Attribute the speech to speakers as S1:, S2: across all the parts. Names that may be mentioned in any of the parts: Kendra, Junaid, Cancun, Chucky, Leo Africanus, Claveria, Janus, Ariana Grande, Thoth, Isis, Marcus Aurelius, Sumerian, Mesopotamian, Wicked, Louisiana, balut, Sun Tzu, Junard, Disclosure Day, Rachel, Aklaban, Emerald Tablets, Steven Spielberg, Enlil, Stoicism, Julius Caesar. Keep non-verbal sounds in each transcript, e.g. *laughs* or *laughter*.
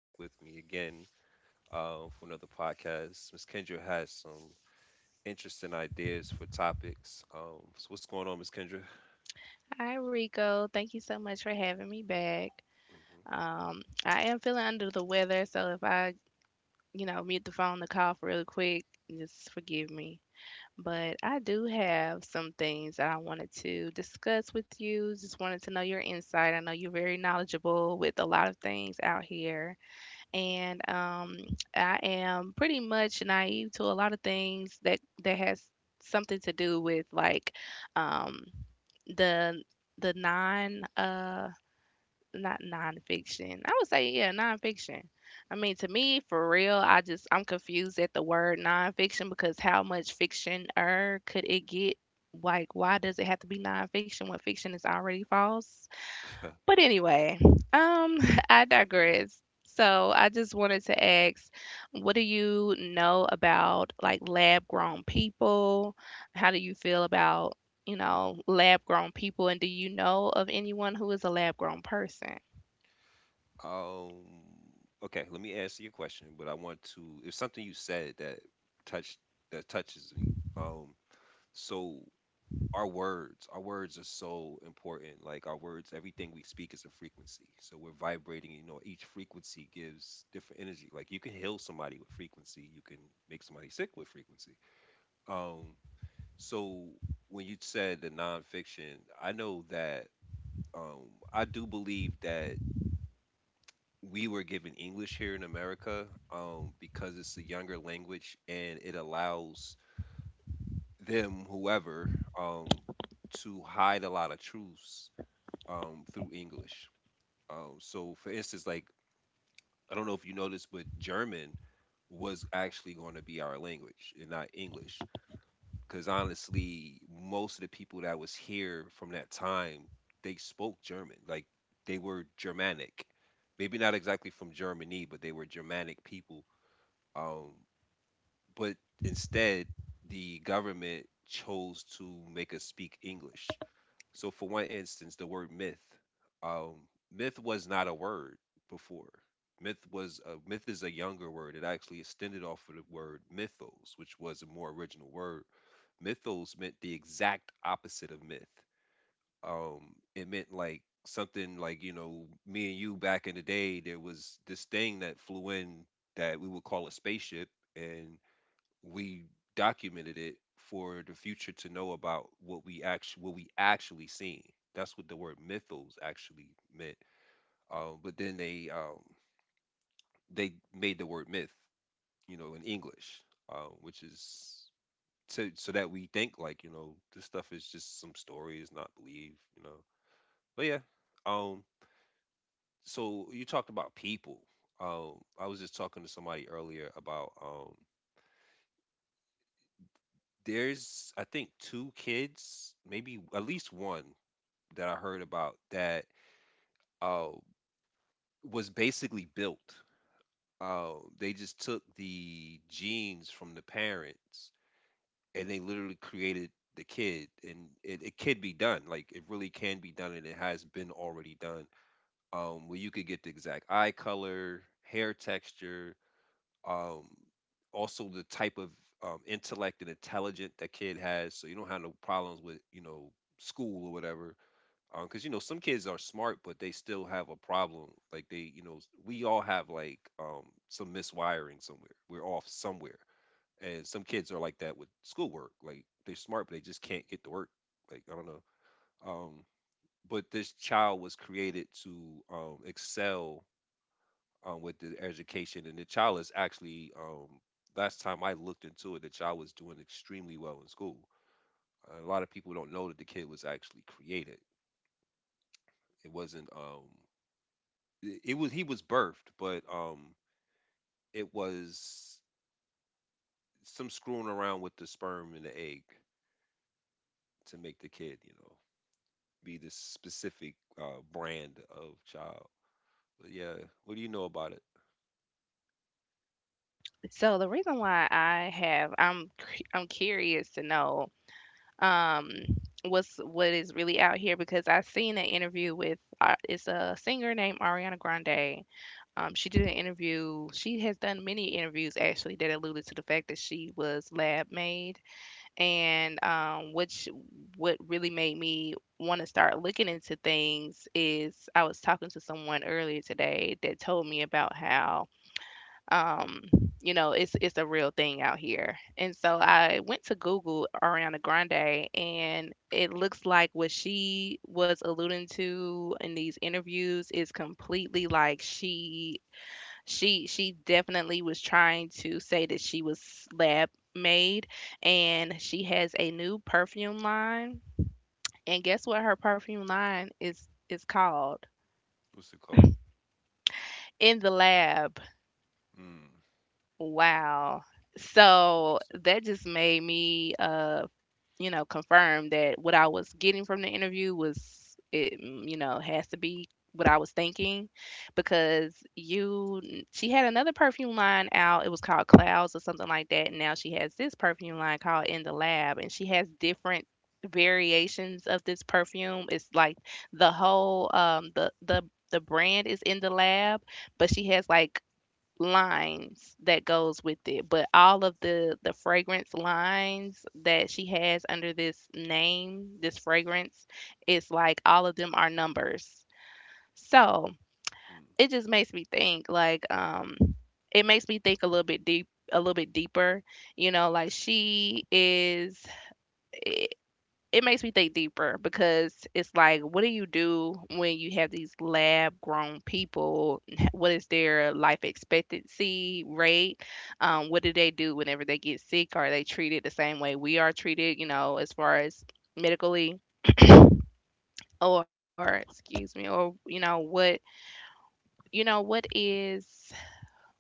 S1: back with me again for another podcast. Miss Kendra has some interesting ideas for topics. So what's going on, Miss Kendra?
S2: Hi, Rico. Thank you so much for having me back. I am feeling under the weather, so if I, you know, mute the phone to cough really quick, just forgive me. But I do have some things that I wanted to discuss with you. Just wanted to know your insight. I know you're very knowledgeable with a lot of things out here, and I am pretty much naive to a lot of things that has something to do with like um the the non not nonfiction. I would say yeah, nonfiction. I mean, to me, for real, I'm confused at the word nonfiction because how much fiction could it get? Like, why does it have to be nonfiction when fiction is already false?
S1: Hmm.
S2: But anyway, um, *laughs* I digress. So I just wanted to ask, what do you know about like lab grown people? How do you feel about, you know, lab grown people? And do you know of anyone who is a lab grown person?
S1: *laughs* um, okay, let me answer your question, but I want to. It's something you said that touched that touches me. Um, so our words are so important, like our words, everything we speak is a frequency, so we're vibrating, you know, each frequency gives different energy. Like you can heal somebody with frequency, you can make somebody sick with frequency. um so when you said the nonfiction, I know that I do believe that we were given English here in America, because it's a younger language and it allows them, whoever, um to hide a lot of truths, through English. So, for instance, like I don't know if you noticed, but German was actually going to be our language and not English, because honestly, most of the people that was here from that time, they spoke German. Like they were Germanic, maybe not exactly from Germany, but they were Germanic people. Um, but instead, the government chose to make us speak English. So, for one instance, the word myth, um, myth was not a word before. Myth is a younger word. It actually extended off of the word mythos, which was a more original word. Mythos meant the exact opposite of myth. It meant like something like, you know, me and you back in the day, there was this thing that flew in that we would call a spaceship, and we documented it for the future to know about what we actually seen. That's what the word mythos actually meant. But then they made the word myth, you know, in English, which is so that we think like, you know, this stuff is just some story, is not believed, you know. But yeah, um, so you talked about people. I was just talking to somebody earlier about there's, I think, two kids, maybe at least one, that I heard about that uh, was basically built. They just took the genes from the parents and they literally created the kid, and it could be done. Like it really can be done, and it has been already done. Where you could get the exact eye color, hair texture, um, also the type of intellect and intelligent that kid has, so you don't have no problems with, you know, school or whatever, because, you know, some kids are smart but they still have a problem, like they, you know, we all have like some miswiring somewhere, we're off somewhere, and some kids are like that with schoolwork, like they're smart but they just can't get to work, like I don't know. um but this child was created to excel with the education, and the child is actually last time I looked into it, the child was doing extremely well in school. A lot of people don't know that the kid was actually created. It wasn't it was He was birthed, but it was some screwing around with the sperm and the egg to make the kid, you know, be this specific brand of child. But yeah, what do you know about it?
S2: So the reason why I have, I'm, cu- I'm curious to know, um, what's what is really out here because I seen an interview with, it's a singer named Ariana Grande. She did an interview. She has done many interviews actually that alluded to the fact that she was lab made, and which what really made me want to start looking into things is I was talking to someone earlier today that told me about how um, you know it's a real thing out here, and so I went to Google Ariana Grande, and it looks like what she was alluding to in these interviews is completely like she she definitely was trying to say that she was lab made, and she has a new perfume line. And guess what her perfume line is called?
S1: What's it called?
S2: In the lab.
S1: Mm.
S2: Wow. So
S1: Interesting.
S2: that just made me you know, confirm that what I was getting from the interview was it, mm, you know, has to be what I was thinking because you she had another perfume line out. It was called Clouds or something like that. And now she has this perfume line called In the Lab, and she has different variations of this perfume. It's like the whole the the brand is in the lab, but she has like lines that goes with it, but all of the fragrance lines that she has under this name, this fragrance, it's like all of them are numbers. So
S1: Mm,
S2: it just makes me think like it makes me think a little bit deep a little bit deeper, you know, like she is, it makes me think deeper because it's like, what do you do when you have these lab grown people? What is their life expectancy rate? What do they do whenever they get sick? Are they treated the same way we are treated, you know, as far as medically? Or, excuse me, or, you know, what, you know,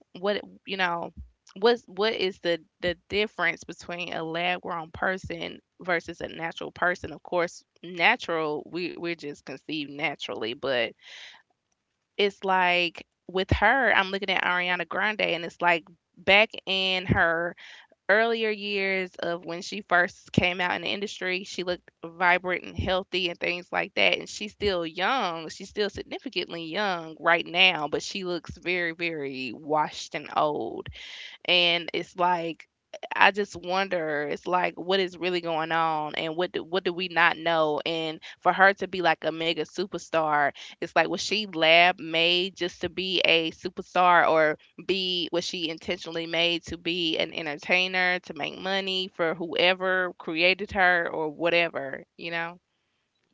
S2: what you know what is the difference between a lab grown person versus a natural person? Of course, natural, we're just conceived naturally. But it's like with her, I'm looking at Ariana Grande, and it's like back in her earlier years, of when she first came out in the industry, she looked vibrant and healthy and things like that, and she's still young, she's still significantly young right now, but she looks very, very washed and old. And it's like I just wonder, it's like what is really going on and what do we not know? And for her to be like a mega superstar, it's like was she lab made just to be a superstar? Or be was she intentionally made to be an entertainer to make money for whoever created her or whatever, you know?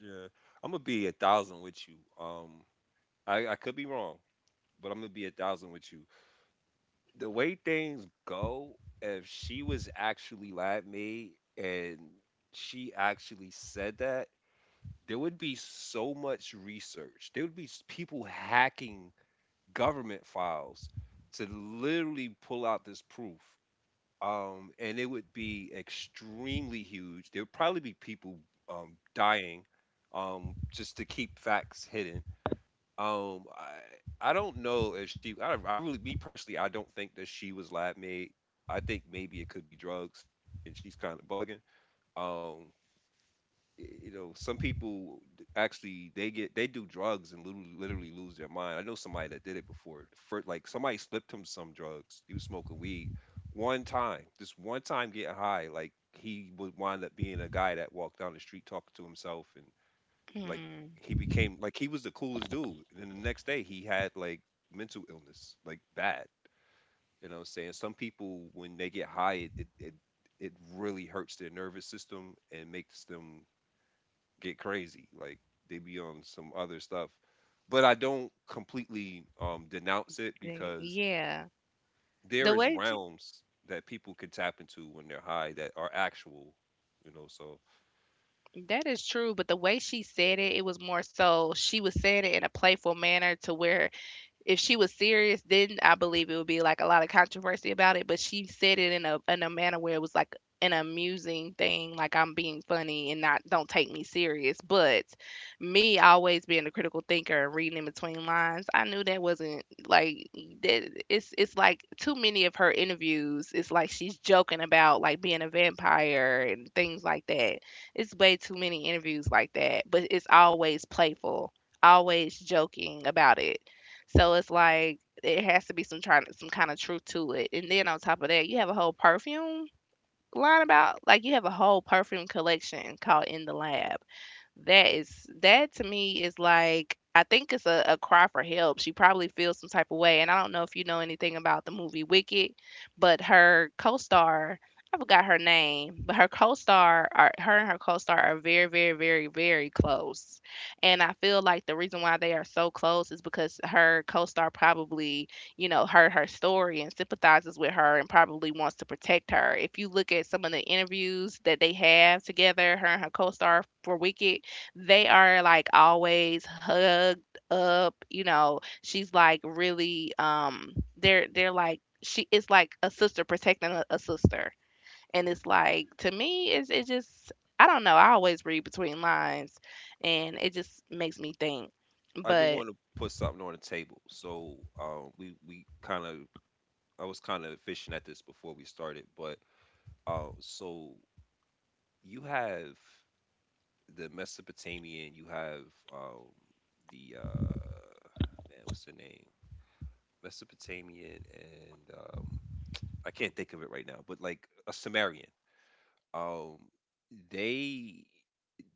S1: yeah, I'm gonna be a thousand with you. I could be wrong, but I'm gonna be a thousand with you. The way things go, if she was actually lab made and she actually said that, there would be so much research. There would be people hacking government files to literally pull out this proof. And it would be extremely huge. There would probably be people dying, just to keep facts hidden. Um, I, I don't know if she, I, don't- I really, me personally, I don't think that she was lab made. I think maybe it could be drugs and she's kind of bugging. Um, you know, some people, actually, they do drugs and literally, literally lose their mind. I know somebody that did it before. For like somebody slipped him some drugs. He was smoking weed one time, just one time, getting high. Like he would wind up being a guy that walked down the street talking to himself and like
S2: Hmm.
S1: he became like he was the coolest dude. And then the next day he had like mental illness, like bad. You know what I'm saying? Some people when they get high, it it really hurts their nervous system and makes them get crazy. Like they be on some other stuff. But I don't completely denounce it
S2: the-
S1: because
S2: yeah
S1: there
S2: the
S1: is
S2: way she,
S1: realms that people can tap into when they're high that are actual, you know. So
S2: that is true, but the way she said it, it was more so she was saying it in a playful manner to where if she was serious, then I believe it would be like a lot of controversy about it. But she said it in a manner where it was like an amusing thing, like I'm being funny and not don't take me serious. But me always being a critical thinker and reading in between lines, I knew that wasn't like that. It's like too many of her interviews. It's like she's joking about like being a vampire and things like that. It's way too many interviews like that, but it's always playful, always joking about it. So it's like it has to be some trying some kind of truth to it. And then on top of that, you have a whole perfume line about like you have a whole perfume collection called In the Lab. That is, that to me is like I think it's a cry for help. She probably feels some type of way, and I don't know if you know anything about the movie Wicked, but her co-star, I forgot her name, but her and her co-star are very, very, very, very close, and I feel like the reason why they are so close is because her co-star probably, you know, heard her story and sympathizes with her and probably wants to protect her. If you look at some of the interviews that they have together, her and her co-star for Wicked, they are like always hugged up, you know. She's like really they're like she it's like a sister protecting a sister. And
S1: mhm.
S2: it's like to me it's it just I don't know. I always read between lines and it just makes me think.
S1: I do
S2: But
S1: want to put something on the table. So we kind of, I was kind of fishing at this before we started, but so you have the Mesopotamian, you have um, the man, what's the name? Mesopotamian, and I can't think of it right now, but like a Sumerian. Um, they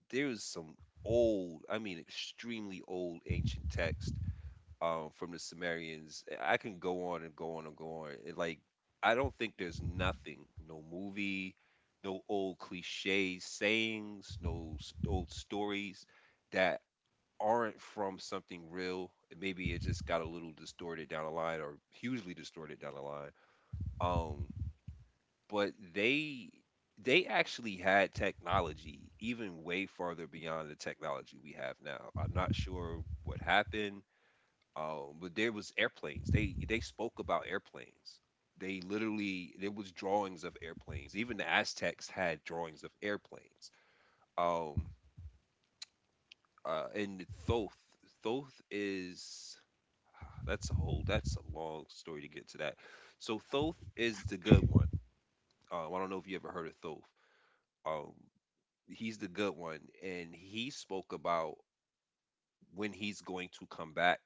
S1: There's some old, I mean, extremely old ancient text, from the Sumerians. I can go on and go on and go on. It, like I don't think there's nothing, no movie, no old cliche sayings, no old stories that aren't from something real. Maybe it just got a little distorted down the line, or hugely distorted down the line. Um, but they actually had technology even way farther beyond the technology we have now. I'm not sure what happened. But there was airplanes. They spoke about airplanes. They literally, there was drawings of airplanes. Even the Aztecs had drawings of airplanes. Um, and Thoth Thoth is Ah, that's a whole, that's a long story to get to that. So Thoth is the good one. I don't know if you ever heard of Thoth. Um, he's the good one, and he spoke about when he's going to come back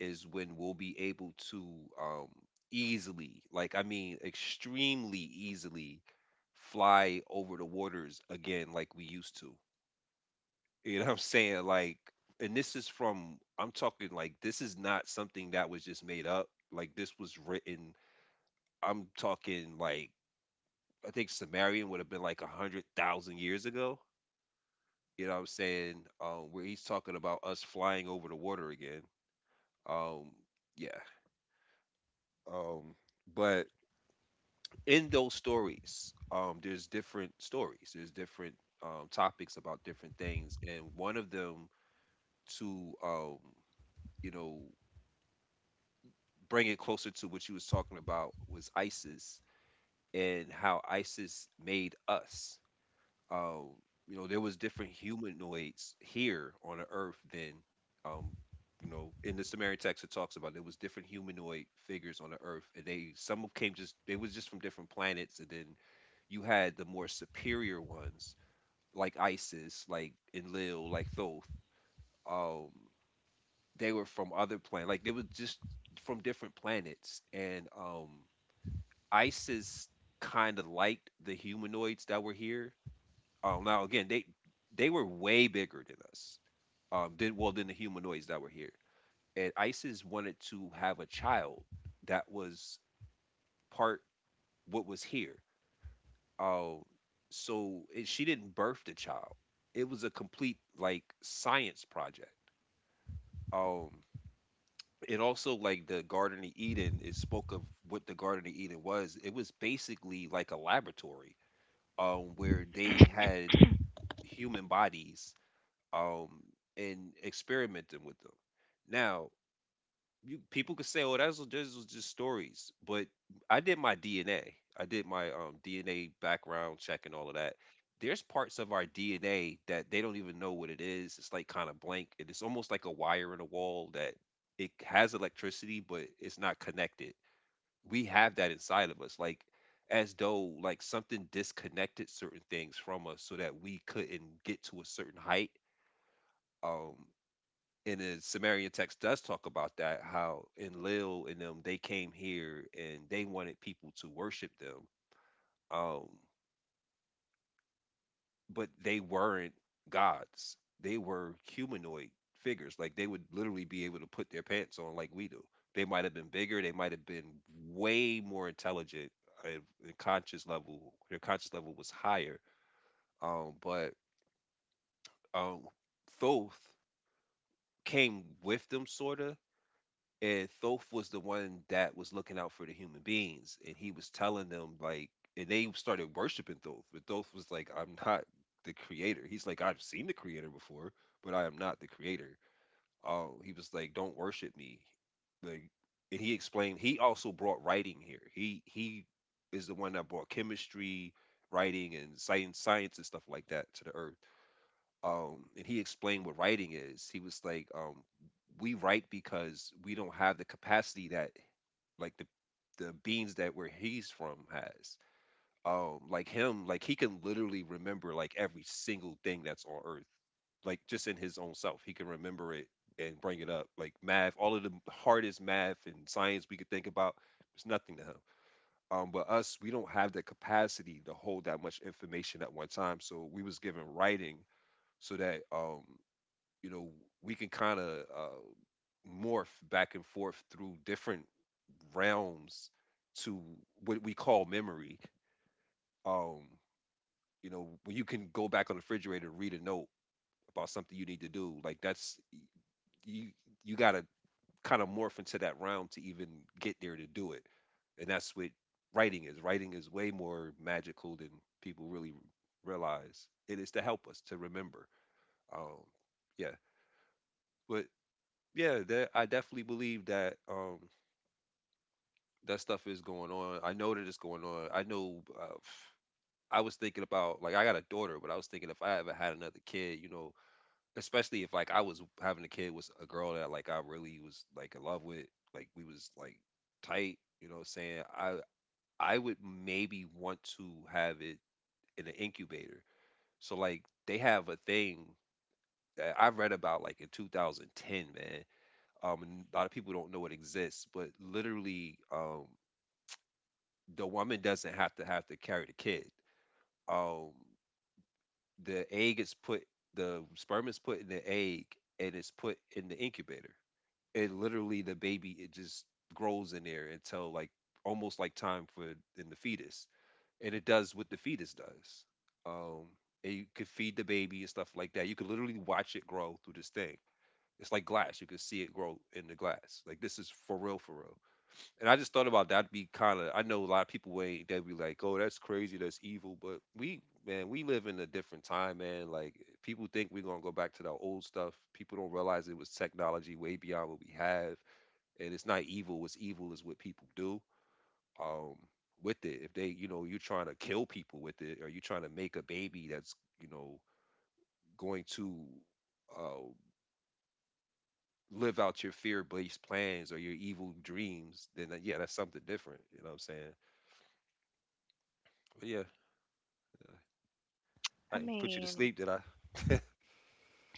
S1: is when we'll be able to um, easily, like I mean, extremely easily, fly over the waters again like we used to. You know what I'm saying? Like, and this is from, I'm talking like, this is not something that was just made up. Like this was written, I'm talking like I think Sumerian would have been like a hundred thousand years ago. You know what I'm saying? Where he's talking about us flying over the water again. Um, yeah. Um, but in those stories, there's different stories. There's different topics about different things, and one of them, to you know, bring it closer to what you was talking about, was ISIS, and how ISIS made us, um, you know, there was different humanoids here on the earth than, um, you know, in the Sumerian text it talks about there was different humanoid figures on the earth, and they, some of came, just they was just from different planets, and then you had the more superior ones like Isis, like Enlil, like Thoth. Um, they were from other planet, like they were just from different planets, and Isis kind of liked the humanoids that were here, now again, they were way bigger than us. Than, well, than the humanoids that were here. And ISIS wanted to have a child that was part what was here. Um, so she didn't birth the child. It was a complete like science project. Um, and also like the Garden of Eden, it spoke of what the Garden of Eden was. It was basically like a laboratory, where they had human bodies, um, and experimenting with them. Now, you people could say, "Oh, that's, those was just stories," but I did my DNA. I did my DNA background check and all of that. There's parts of our DNA that they don't even know what it is. It's like kind of blank. And it's almost like a wire in a wall that it has electricity, but it's not connected. We have that inside of us, like as though like something disconnected certain things from us so that we couldn't get to a certain height, um in the Sumerian text does talk about that, how Enlil and them, they came here and they wanted people to worship them, um, but they weren't gods. They were humanoid figures. Like they would literally be able to put their pants on like we do. They might have been bigger. They might have been way more intelligent. And conscious level, their conscious level was higher. But um, Thoth came with them, sorta, and Thoth was the one that was looking out for the human beings, and he was telling them, like, and they started worshiping Thoth, but Thoth was like, "I'm not the creator." He's like, "I've seen the creator before, but I am not the creator." He was like, "Don't worship me," like, and he explained. He also brought writing here. He is the one that brought chemistry, writing, and science, science and stuff like that to the earth. And he explained what writing is. He was like, we write because we don't have the capacity that, like, the beings that where he's from has, like him. Like, he can literally remember like every single thing that's on earth, like just in his own self he can remember it and bring it up. Like math, all of the hardest math and science we could think about, it's nothing to him. But us, we don't have the capacity to hold that much information at one time, so we was given writing so that, you know, we can kind of uh, morph back and forth through different realms to what we call memory. um you know, when you can go back on the refrigerator and read a note about something you need to do, like that's, you you got to kind of morph into that realm to even get there to do it. And that's what writing is. Writing is way more magical than people really realize It is to help us to remember. um yeah, but yeah, that I definitely believe that that stuff is going on. I know that it's going on. I know. I was thinking about, like, I got a daughter, but I was thinking if I ever had another kid, you know, especially if, like, I was having a kid with a girl that, like, I really was, like, in love with, like we was like tight, what I'm saying, I would maybe want to have it in an incubator. So like they have a thing that I read about like in 2010, man. And a lot of people don't know it exists, but literally, the woman doesn't have to carry the kid. Um, the egg is put, the sperm is put in the egg, and it's put in the incubator. And literally, the baby, it just grows in there until, like, almost like time for in the fetus, and it does what the fetus does. Um, and you could feed the baby and stuff like that. You could literally watch it grow through this thing. It's like glass. You could see it grow in the glass. Like, this is for real, for real. And I just thought about that, be kind of, I know a lot of people ain't, they be like, "Oh, that's crazy, that's evil," but we, man, we live in a different time, man. Like, people think we're going to go back to the old stuff. People don't realize it was technology way beyond what we have, and it's not evil. What's evil is what people do Um with it. If they, you know, you're trying to kill people with it, or you're trying to make a baby that's, you know, going to uh live out your fear-based plans or your evil dreams, then that- yeah, that's something different, you know what I'm saying? But yeah, I
S2: I
S1: can put you to
S2: mean,
S1: sleep. That I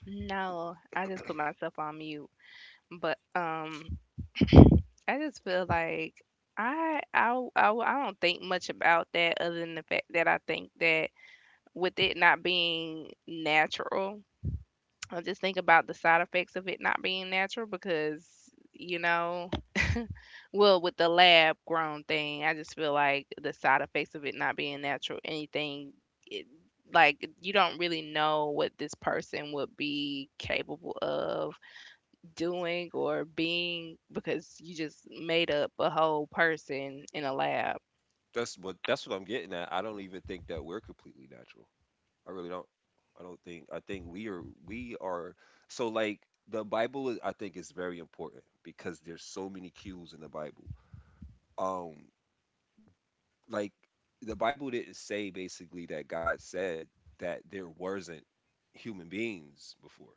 S2: no, I just put myself on mute. But I just feel like I don't think much about that other than the fact that I think that with it not being natural. I just think about the side effects of it not being natural because, you know, well, with the lab grown thing, I just feel like the side effects of it not being natural, anything, it, like, you don't really know what this person would be capable of doing or being because you just made up a whole person in a lab.
S1: That's what I'm getting at. I don't even think that we're completely natural. I really don't. I don't think. I think we are so, like, the Bible is- I think is very important because there's so many cues in the Bible. Um, like, the Bible didn't say, basically, that God said that there wasn't human beings before.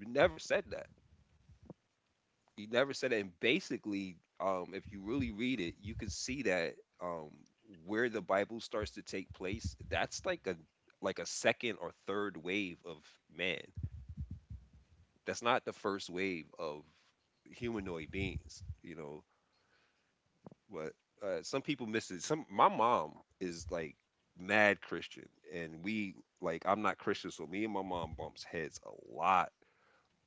S1: It never said that. You never said it. And basically, if you really read it, you can see that, um, where the Bible starts to take place, that's like a, like a second or third wave of man. That's not the first wave of humanoid beings. You know, but some people miss it. Some, my mom is like mad Christian, and we, like, I'm not Christian, so me and my mom bumps heads a lot.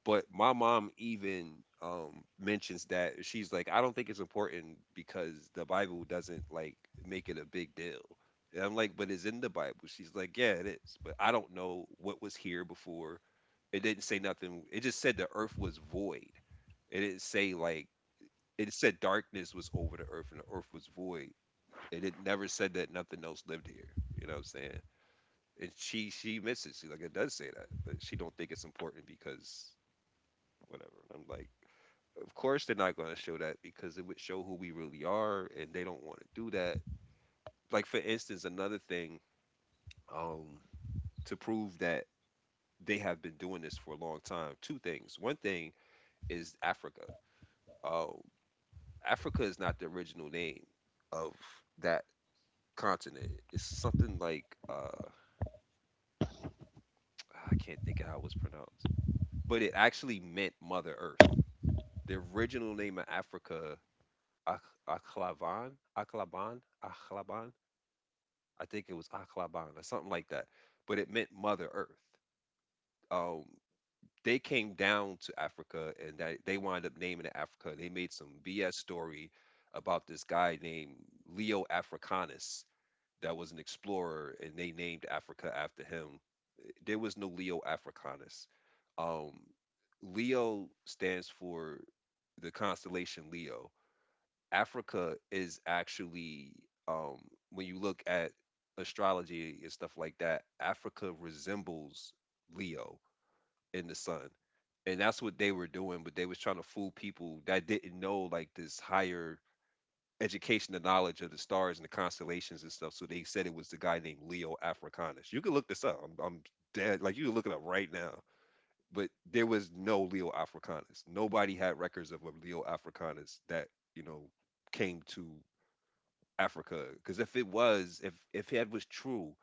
S1: But my mom even mentions that, she's like, I don't think it's important because the Bible doesn't, like, make it a big deal. And I'm like, but it's in the Bible. She's like, yeah, it is, but I don't know what was here before. It didn't say nothing. It just said the earth was void. It didn't say, like, it said darkness was over the earth and the earth was void. It had never said that nothing else lived here. You know what I'm saying? And she misses. She's like, it does say that, but she don't think it's important because whatever. And I'm like, of course they're not going to show that because it would show who we really are, and they don't want to do that. Like, for instance, another thing, um, to prove that they have been doing this for a long time. Two things. One thing is Africa. Um, Africa is not the original name of that continent. It's something like, I can't think of how it was pronounced, but it actually meant Mother Earth. The original name of Africa, Ak- Aklavan, Aklaban, Aklaban, I think it was Aklaban or something like that, but it meant Mother Earth. Um, they came down to Africa, and that they wound up naming it Africa. They made some BS story about this guy named Leo Africanus that was an explorer, and they named Africa after him. There was no Leo Africanus. Um, Leo stands for the constellation Leo. Africa is actually um when you look at astrology and stuff like that, Africa resembles Leo in the sun. And that's what they were doing, but they was trying to fool people that didn't know, like, this higher education and knowledge of the stars and the constellations and stuff. So they said it was the guy named Leo Africanus. You can look this up. I'm dead. Like, you can look it up right now. But there was no Leo Africanus. Nobody had records of a Leo Africanus that, you know, came to Africa. Because if it was, if that was true,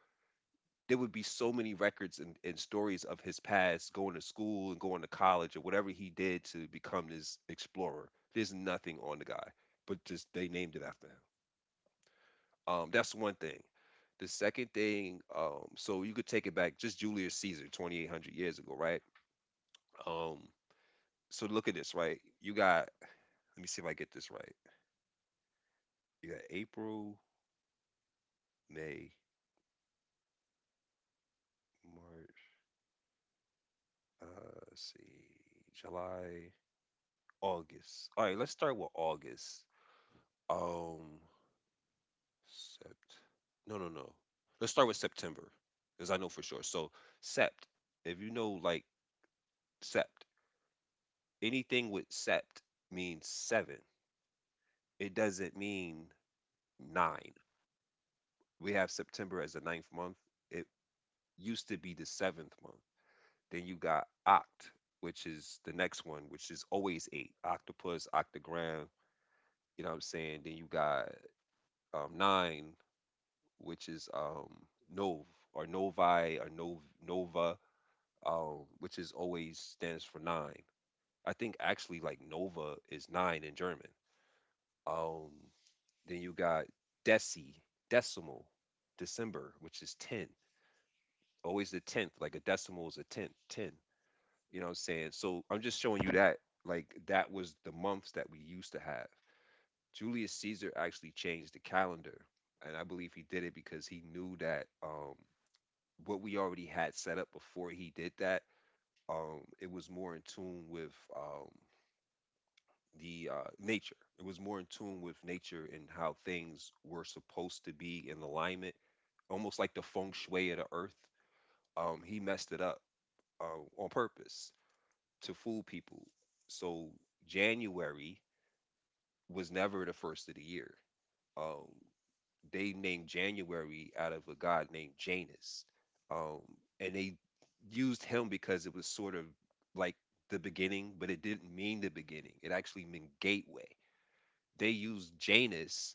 S1: there would be so many records, and stories of his past going to school and going to college or whatever he did to become this explorer. There's nothing on the guy, but just they named it after him. That's one thing. The second thing, so you could take it back just Julius Caesar, 2,800 years ago, right? Um, so look at this, right? You got, let me see if I get this right. You got April, May, March, let's see, July, August. All right, let's start with August. Um, Sept. No, no, no. Let's start with September, because I know for sure. So sept. If you know, like, sept, anything with sept means seven. It doesn't mean nine. We have September as the ninth month. It used to be the seventh month. Then you got oct, which is the next one, which is always eight. Octopus, octagram. You know what I'm saying? Then you got nine, which is Nov or Novi or Nova, which is always stands for nine. I think actually like Nova is nine in German. Um, then you got Deci, decimal, December, which is ten. Always the tenth, like a decimal is a tenth, ten. You know what I'm saying? So I'm just showing you that, like, that was the months that we used to have. Julius Caesar actually changed the calendar, and I believe he did it because he knew that, what we already had set up before he did that, it was more in tune with the nature. It was more in tune with nature and how things were supposed to be in alignment, almost like the feng shui of the earth. He messed it up on purpose, to fool people. So January was never the first of the year. um they named January out of a god named Janus. Um, and they used him because it was sort of like the beginning, but it didn't mean the beginning. It actually meant gateway. They used Janus,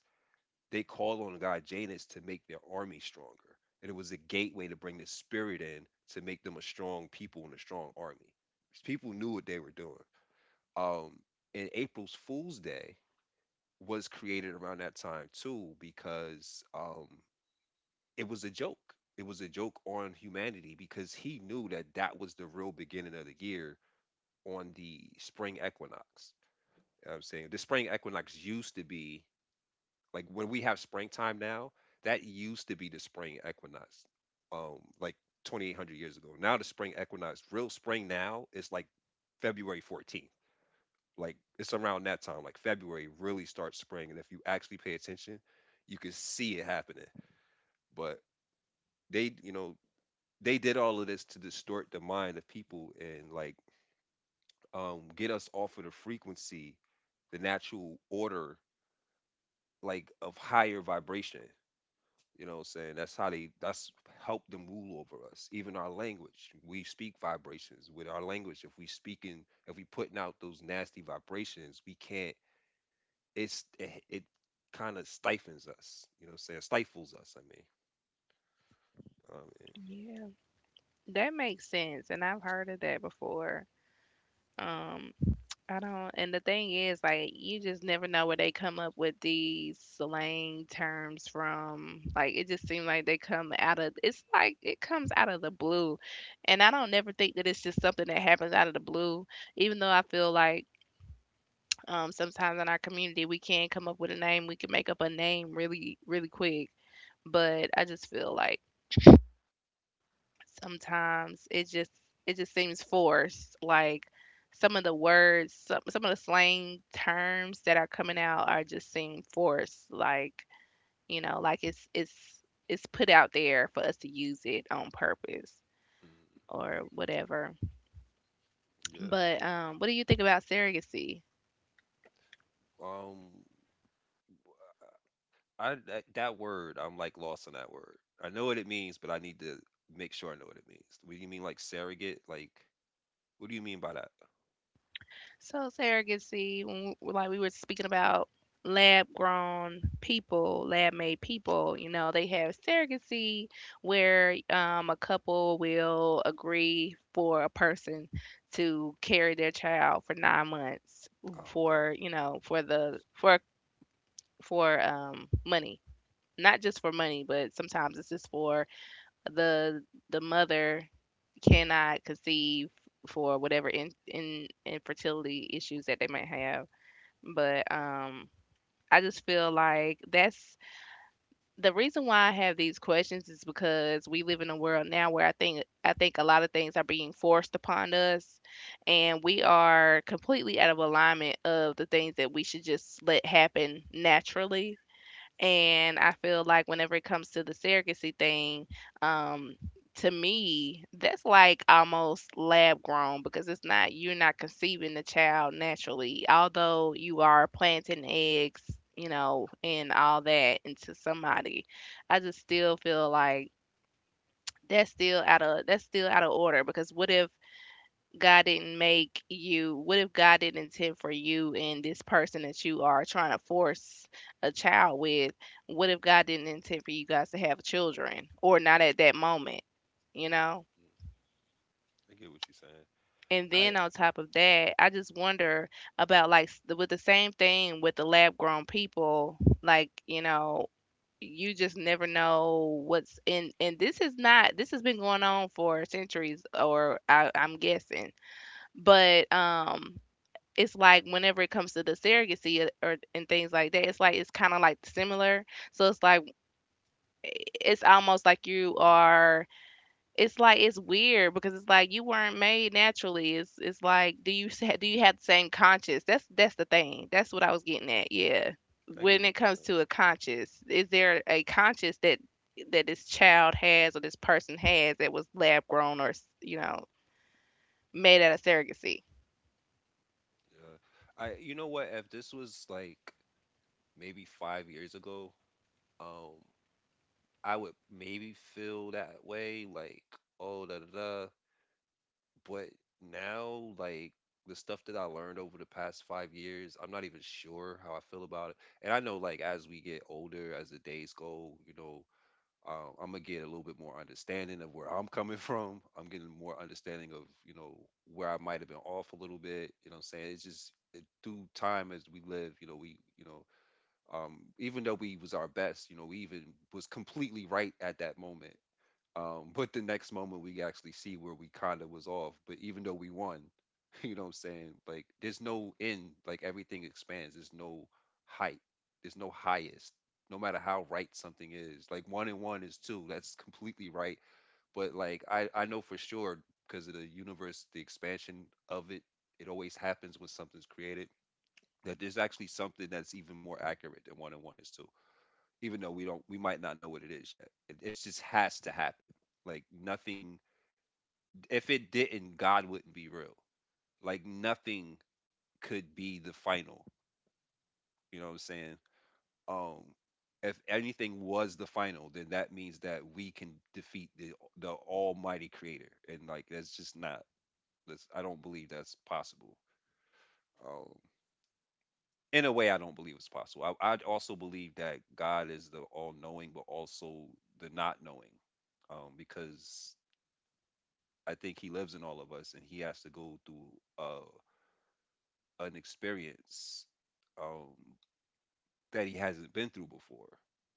S1: they called on the god Janus to make their army stronger. And it was a gateway to bring the spirit in to make them a strong people and a strong army. People knew what they were doing. Um, and April's Fool's Day was created around that time too, because, it was a joke. It was a joke on humanity because he knew that that was the real beginning of the year, on the spring equinox. You know what I'm saying, the spring equinox used to be like when we have springtime now, that used to be the spring equinox, like 2,800 years ago. Now the spring equinox, real spring now is like February 14th. Like it's around that time, like February really starts spring, and if you actually pay attention, you can see it happening. But they, you know, they did all of this to distort the mind of people, and like get us off of the frequency, the natural order, like of higher vibration. You know what I'm saying? That's how they that's helped them rule over us. Even our language, we speak vibrations with our language. If we speaking, if we putting out those nasty vibrations, we can't, it kind of stifles us. You know what I'm saying? Stifles us, I mean, um,
S2: Yeah, that makes sense. And I've heard of that before. Um, I don't, and the thing is, like, you just never know where they come up with these slang terms from. Like, it just seems like they come out of, it's like it comes out of the blue. And I don't never think that it's just something that happens out of the blue, even though I feel like sometimes in our community we can come up with a name, we can make up a name really, really quick. But I just feel like sometimes it just, it just seems forced, like, some of the words, some of the slang terms that are coming out are just seem forced, like, you know, like it's it's put out there for us to use it on purpose
S1: mm,
S2: or whatever.
S1: yeah,
S2: But,
S1: true.
S2: what do you think about surrogacy?
S1: um I, that word, I'm like lost on that word. I know what it means, but I need to make sure I know what it means. What do you mean, like surrogate? Like, what do you mean by that?
S2: So surrogacy, like we were speaking about lab grown people, lab made people, you know, they have surrogacy where a couple will agree for a person to carry their child for 9 months
S1: Oh, okay.
S2: for, you know, for money. Not just for money, but sometimes it's just for the the mother cannot conceive for whatever in infertility issues that they might have. But I just feel like that's, the reason why I have these questions is because we live in a world now where I think a lot of things are being forced upon us and we are completely out of alignment of the things that we should just let happen naturally. And I feel like whenever it comes to the surrogacy thing, um, to me, that's like almost lab grown because it's not, you're not conceiving the child naturally, although you are planting eggs, you know, and all that into somebody. I just still feel like that's still out of, that's still out of order because what if God didn't make you? What if God didn't intend for you and this person that you are trying to force a child with? What if God didn't intend for you guys to have children, or not at that moment, you know?
S1: Mm, I get what you're saying.
S2: And
S1: I
S2: then on top of that, I just wonder about with the same thing with the lab grown people, like, you know, you just never know what's in and This is not this has been going on for centuries or I'm guessing but it's like whenever it comes to the surrogacy or and things like that, it's like it's kind of like similar. So it's like eh, it's almost like you are. It's like it's weird because it's like you weren't made naturally. It's like do you have the same conscience? That's the thing. That's what I was getting at. Yeah.
S1: I get
S2: When it
S1: what you're
S2: comes
S1: saying.
S2: to a conscience, is there a conscience that this child has or this person has that was lab grown or you know made out of surrogacy?
S1: Yeah. I, you know what? If this was like maybe 5 years ago, um, I would maybe feel that way. Like, oh, da da da. But now, like the stuff that I learned over the past 5 years, I'm not even sure how I feel about it. And I know, like as we get older, as the days go, I'm gonna get a little bit more understanding of where I'm *laughs* coming from. I'm getting more understanding of, you know, where I might have been off a little bit. You know what I'm saying? It's just it, through time as we live, you know, even though we was our best, you know, we even was completely right at that moment. But the next moment we actually see where we kinda was off. But even though we won, *laughs* you know what I'm saying? Like there's no end, like everything expands. There's no height. There's no highest. No matter how right something is. Like one and one is two. That's completely right. But like I know for sure, because of the universe, the expansion of it, it always happens when something's created, that there's actually something that's even more accurate than one and one is two, even though we don't, we might not know what it is yet, it's just has to happen. Like nothing, if it didn't, God wouldn't be real. Like nothing could be the final. You know what I'm saying? um if anything was the final, then that means that we can defeat the almighty creator, and like that's just not, that's I don't believe that's possible. um in a way, I don't believe it's possible. I also believe that God is the all knowing, but also the not knowing. Because I think he lives in all of us, and he has to go through uh, an experience, um, that he hasn't been through before,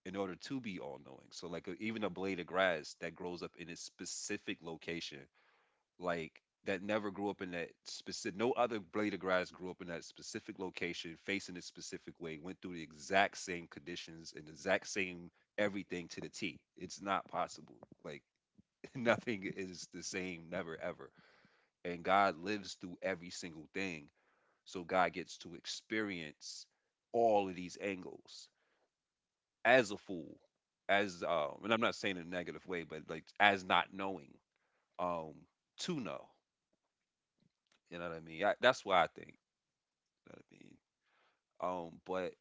S1: in order to be all knowing. So, like, a, even a blade of grass that grows up in a specific location, like, that never grew up in that specific, no other blade of grass grew up in that specific location, facing a specific way, went through the exact same conditions and the exact same everything to the T. It's not possible. Like, *laughs* nothing is the same, never, ever. And God lives through every single thing. So God gets to experience all of these angles as a fool, as and I'm not saying in a negative way, but like as not knowing, um, to know. You know what I mean? That's what I think. You know what I mean? But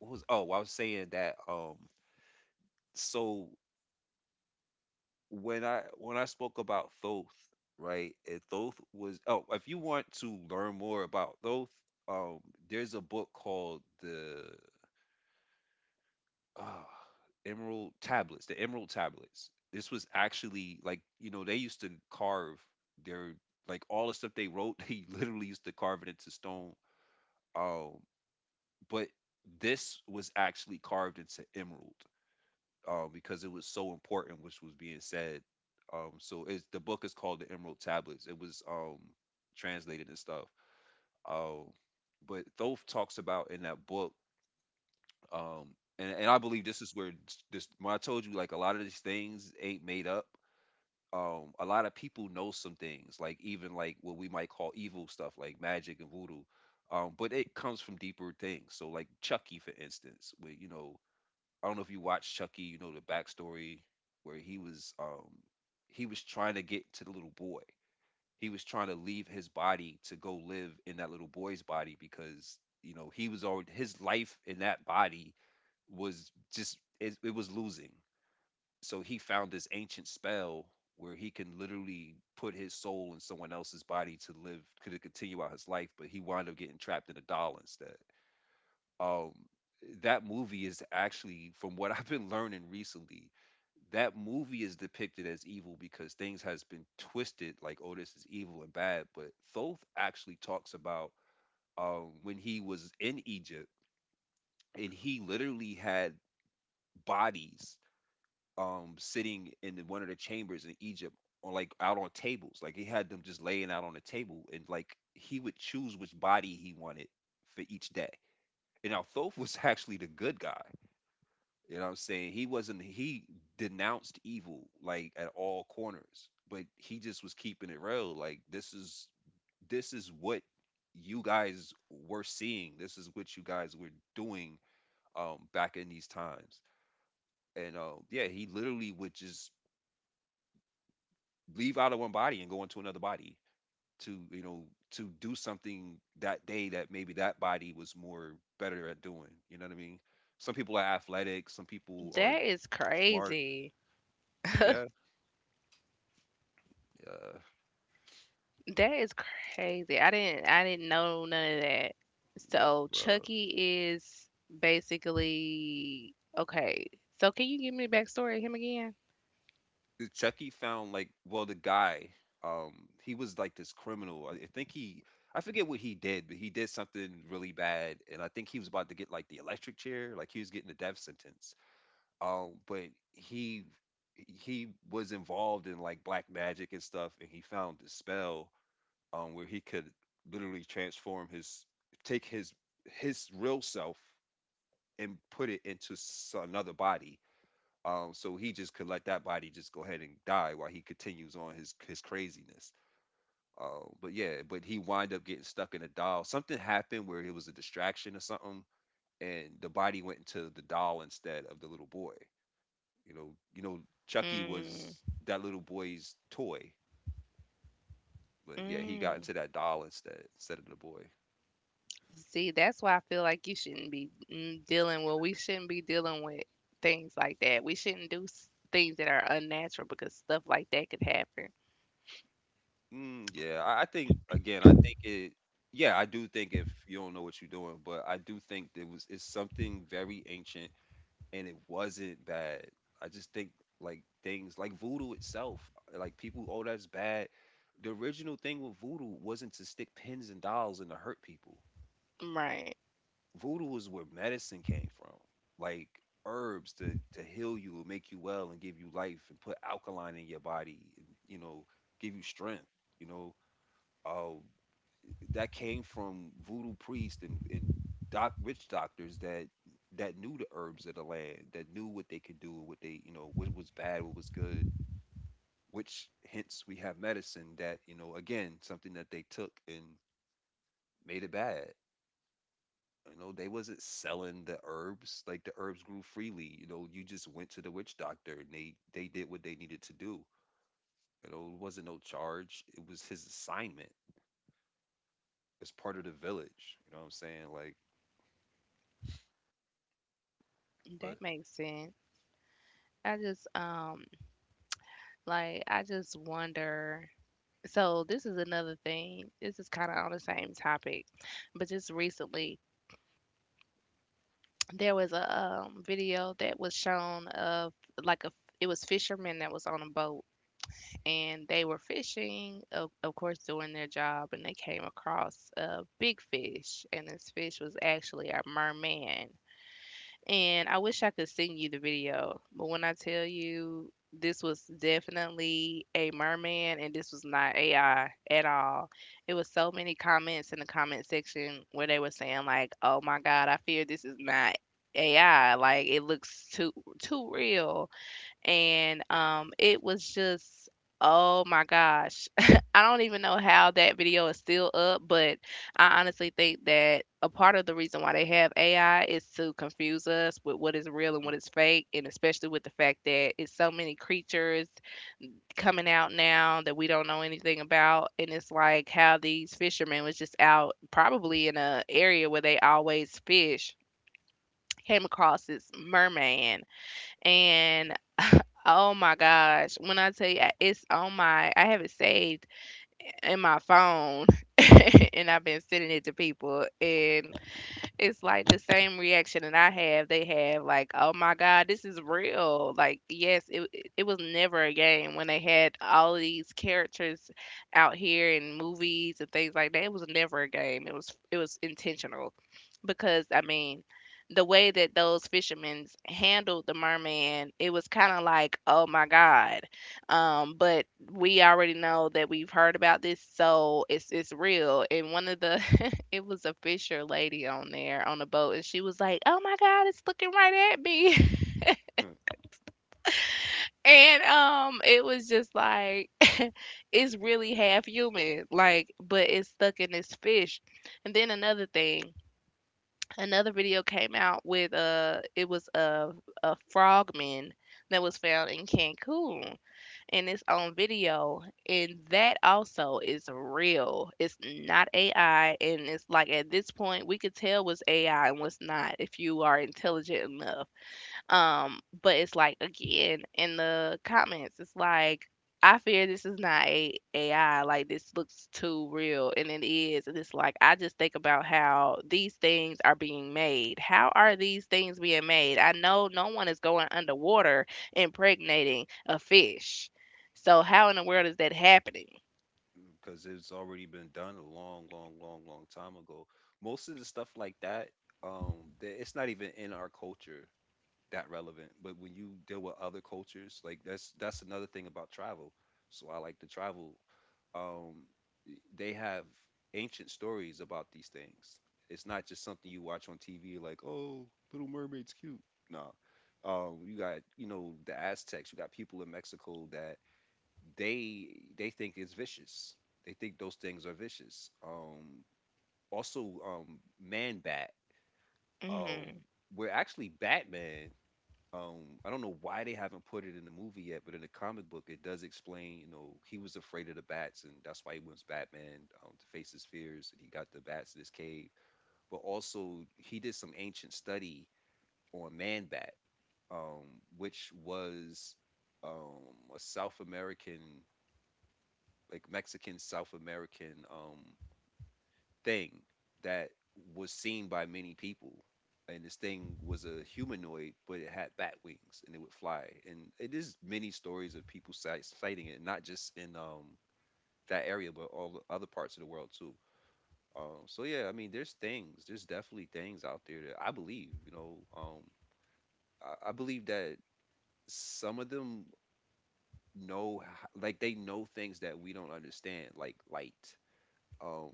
S1: what was, oh, I was saying that, so when I spoke about Thoth, right? And Thoth was, oh, if you want to learn more about Thoth, um, there's a book called the uh, Emerald Tablets, the Emerald Tablets. This was actually like, you know, they used to carve their, like all the stuff they wrote, *laughs* they literally used to carve it into stone. Um, but this was actually carved into emerald, because it was so important, which was being said. So it's, the book is called the Emerald Tablets. It was translated and stuff. Um, but Thoth talks about in that book, um and I believe this is where s- this when I told you, like a lot of these things ain't made up. A lot of people know some things, like even like what we might call evil stuff like magic and voodoo, but it comes from deeper things. So like Chucky, for instance, where, you know, I don't know if you watch Chucky, you know the backstory, where he was, he was trying to get to the little boy. He was trying to leave his body to go live in that little boy's body, because, you know, he was already, his life in that body was just it was losing. So he found this ancient spell where he can literally put his soul in someone else's body to live, to continue out his life, but he wound up getting trapped in a doll instead. Um, that movie is actually, from what *laughs* I've been learning recently, that movie is depicted as evil because things has been twisted like, oh, this is evil and bad. But Thoth actually talks about, when he was in Egypt, and he literally had bodies sitting in the, one of the chambers in Egypt, on like out on tables. Like he had them just laying out on a table, and like he would choose which body he wanted for each day. And now Thoth was *laughs* actually the good guy. You know what I'm saying? He wasn't he denounced evil like at all corners. But he just was keeping it real. Like this is what you guys were seeing. This is what you guys were doing back in these times. And yeah, he literally would just leave out of one body and go into another body to, you know, to do something that day that maybe that body was more better at doing. You know what I mean? Some people are athletic, some people are
S2: That is
S1: smart.
S2: crazy.
S1: Yeah. Yeah.
S2: That is crazy. I didn't know none of that.
S1: Yeah,
S2: So
S1: bro.
S2: Chucky is basically okay. So can you give me the backstory of him again?
S1: The Chucky found like, well, the guy, um he was like this criminal. I think he, I forget what he did, but he did something really bad, and I think he was about to get like the electric chair, like he was getting the death sentence. But he he was involved in like black magic and stuff, and he found the spell where he could literally transform his, take his real self and put it into s- another body. So he just could let that body just go ahead and die while he continues on his craziness. But yeah, but he wind up getting stuck in a doll. Something happened where it was a distraction or something, and the body went into the doll instead of the little boy. You know, Chucky
S2: Mm,
S1: was that little boy's toy, but yeah, he got
S2: mm.
S1: into that doll instead of the boy.
S2: See, that's why I feel like you shouldn't be dealing with. We shouldn't be dealing with things like that. We shouldn't do s- Things that are unnatural because stuff like that could happen.
S1: Mm, yeah, I think again, I think it. Yeah, I do think if you don't know what you're doing, but I do think there was, it's something very ancient, and it wasn't bad. I just think like things like voodoo itself, like people, oh, that's bad. The original thing with voodoo wasn't to stick pins and dolls and to hurt people.
S2: Right.
S1: Voodoo is where medicine came from. Like herbs to heal you and make you well and give you life and put alkaline in your body, and you know, give you strength, you know, uh, that came from voodoo priests and doc witch doctors that, that knew the herbs of the land, that knew what they could do and what they, you know, what was bad, what was good. Which hence we have medicine, that you know, again, something that they took and made it bad. You know, they wasn't selling the herbs. Like the herbs grew freely. You know, you just went to the witch doctor, and they did what they needed to do. You know, it wasn't no charge. It was his assignment as part of the village. You know what I'm saying? Like, but
S2: That makes sense. I just Like I just wonder. So this is another thing. This is kind of on the same topic, but just recently there was a video that was shown of like a it was fishermen that was on a boat and they were fishing, of course, doing their job, and they came across a big fish, and this fish was actually a merman. And I wish I could send you the video, but when I tell you this was definitely a merman and this was not AI at all. It was so many comments in the comment section where they were saying like, "Oh my God, I fear this is not AI. Like it looks too real." And it was just oh my gosh. *laughs* I don't even know how that video is still up, but I honestly think that a part of the reason why they have AI is to confuse us with what is real and what is fake, and especially with the fact that it's so many creatures coming out now that we don't know anything about. And it's like how these fishermen was just out probably in a area where they always fish, came across this merman. And oh my gosh, when I tell you it's on my I have it saved in my phone *laughs* and I've been sending it to people, and it's like the same reaction that I have. They have like, "Oh my god, this is real." Like, yes, it was never a game when they had all of these characters out here in movies and things like that. It was never a game. It was intentional because I mean, the way that those fishermen handled the merman, it was kind of like, oh my god. But we already know that we've heard about this, so it's real. And one of the *laughs* it was a fisher lady on there on the boat, and she was like, "Oh my God, it's looking right at me!" *laughs* And it was just like *laughs* it's really half human, like, but it's stuck in this fish. And then another thing, another video came out with it was a frogman that was found in Cancun, and it's on video. And that also is real, it's not AI. And it's like at this point we could tell what's AI and what's not if you are intelligent enough. But it's like again in the comments, it's like I fear this is not a AI. Like this looks too real, and it is. And it's like I just think about how these things are being made. How are these things being made? I know no one is going underwater impregnating a fish. So how in the world is that happening?
S1: because it's already been done a long, long, long, long time ago. Most of the stuff like that, um, that it's not even in our culture. That relevant. But when you deal with other cultures, like that's another thing about travel. So I like to travel. Um, they have ancient stories about these things. It's not just something you watch on TV, like, oh, Little Mermaid's cute. No, you got, you know, the Aztecs. You got people in Mexico that they they think it's vicious. They think those things are vicious. Also, Man Bat. Um,
S2: Mm-hmm.
S1: we're actually Batman. I don't know why they haven't put it in the movie yet, but in the comic book it does explain, you know, he was afraid of the bats, and that's why he wants Batman, to face his fears, and he got the bats in his cave. But also he did some ancient study on Man Bat, um, which was um a South American, like Mexican South American, thing that was seen by many people. And this thing was a humanoid, but it had bat wings and it would fly. And it is many stories of people sighting it, not just in, that area, but all the other parts of the world too. So yeah, I mean, there's things, there's definitely things out there that I believe. I believe that some of them know, like they know things that we don't understand, like light. Um,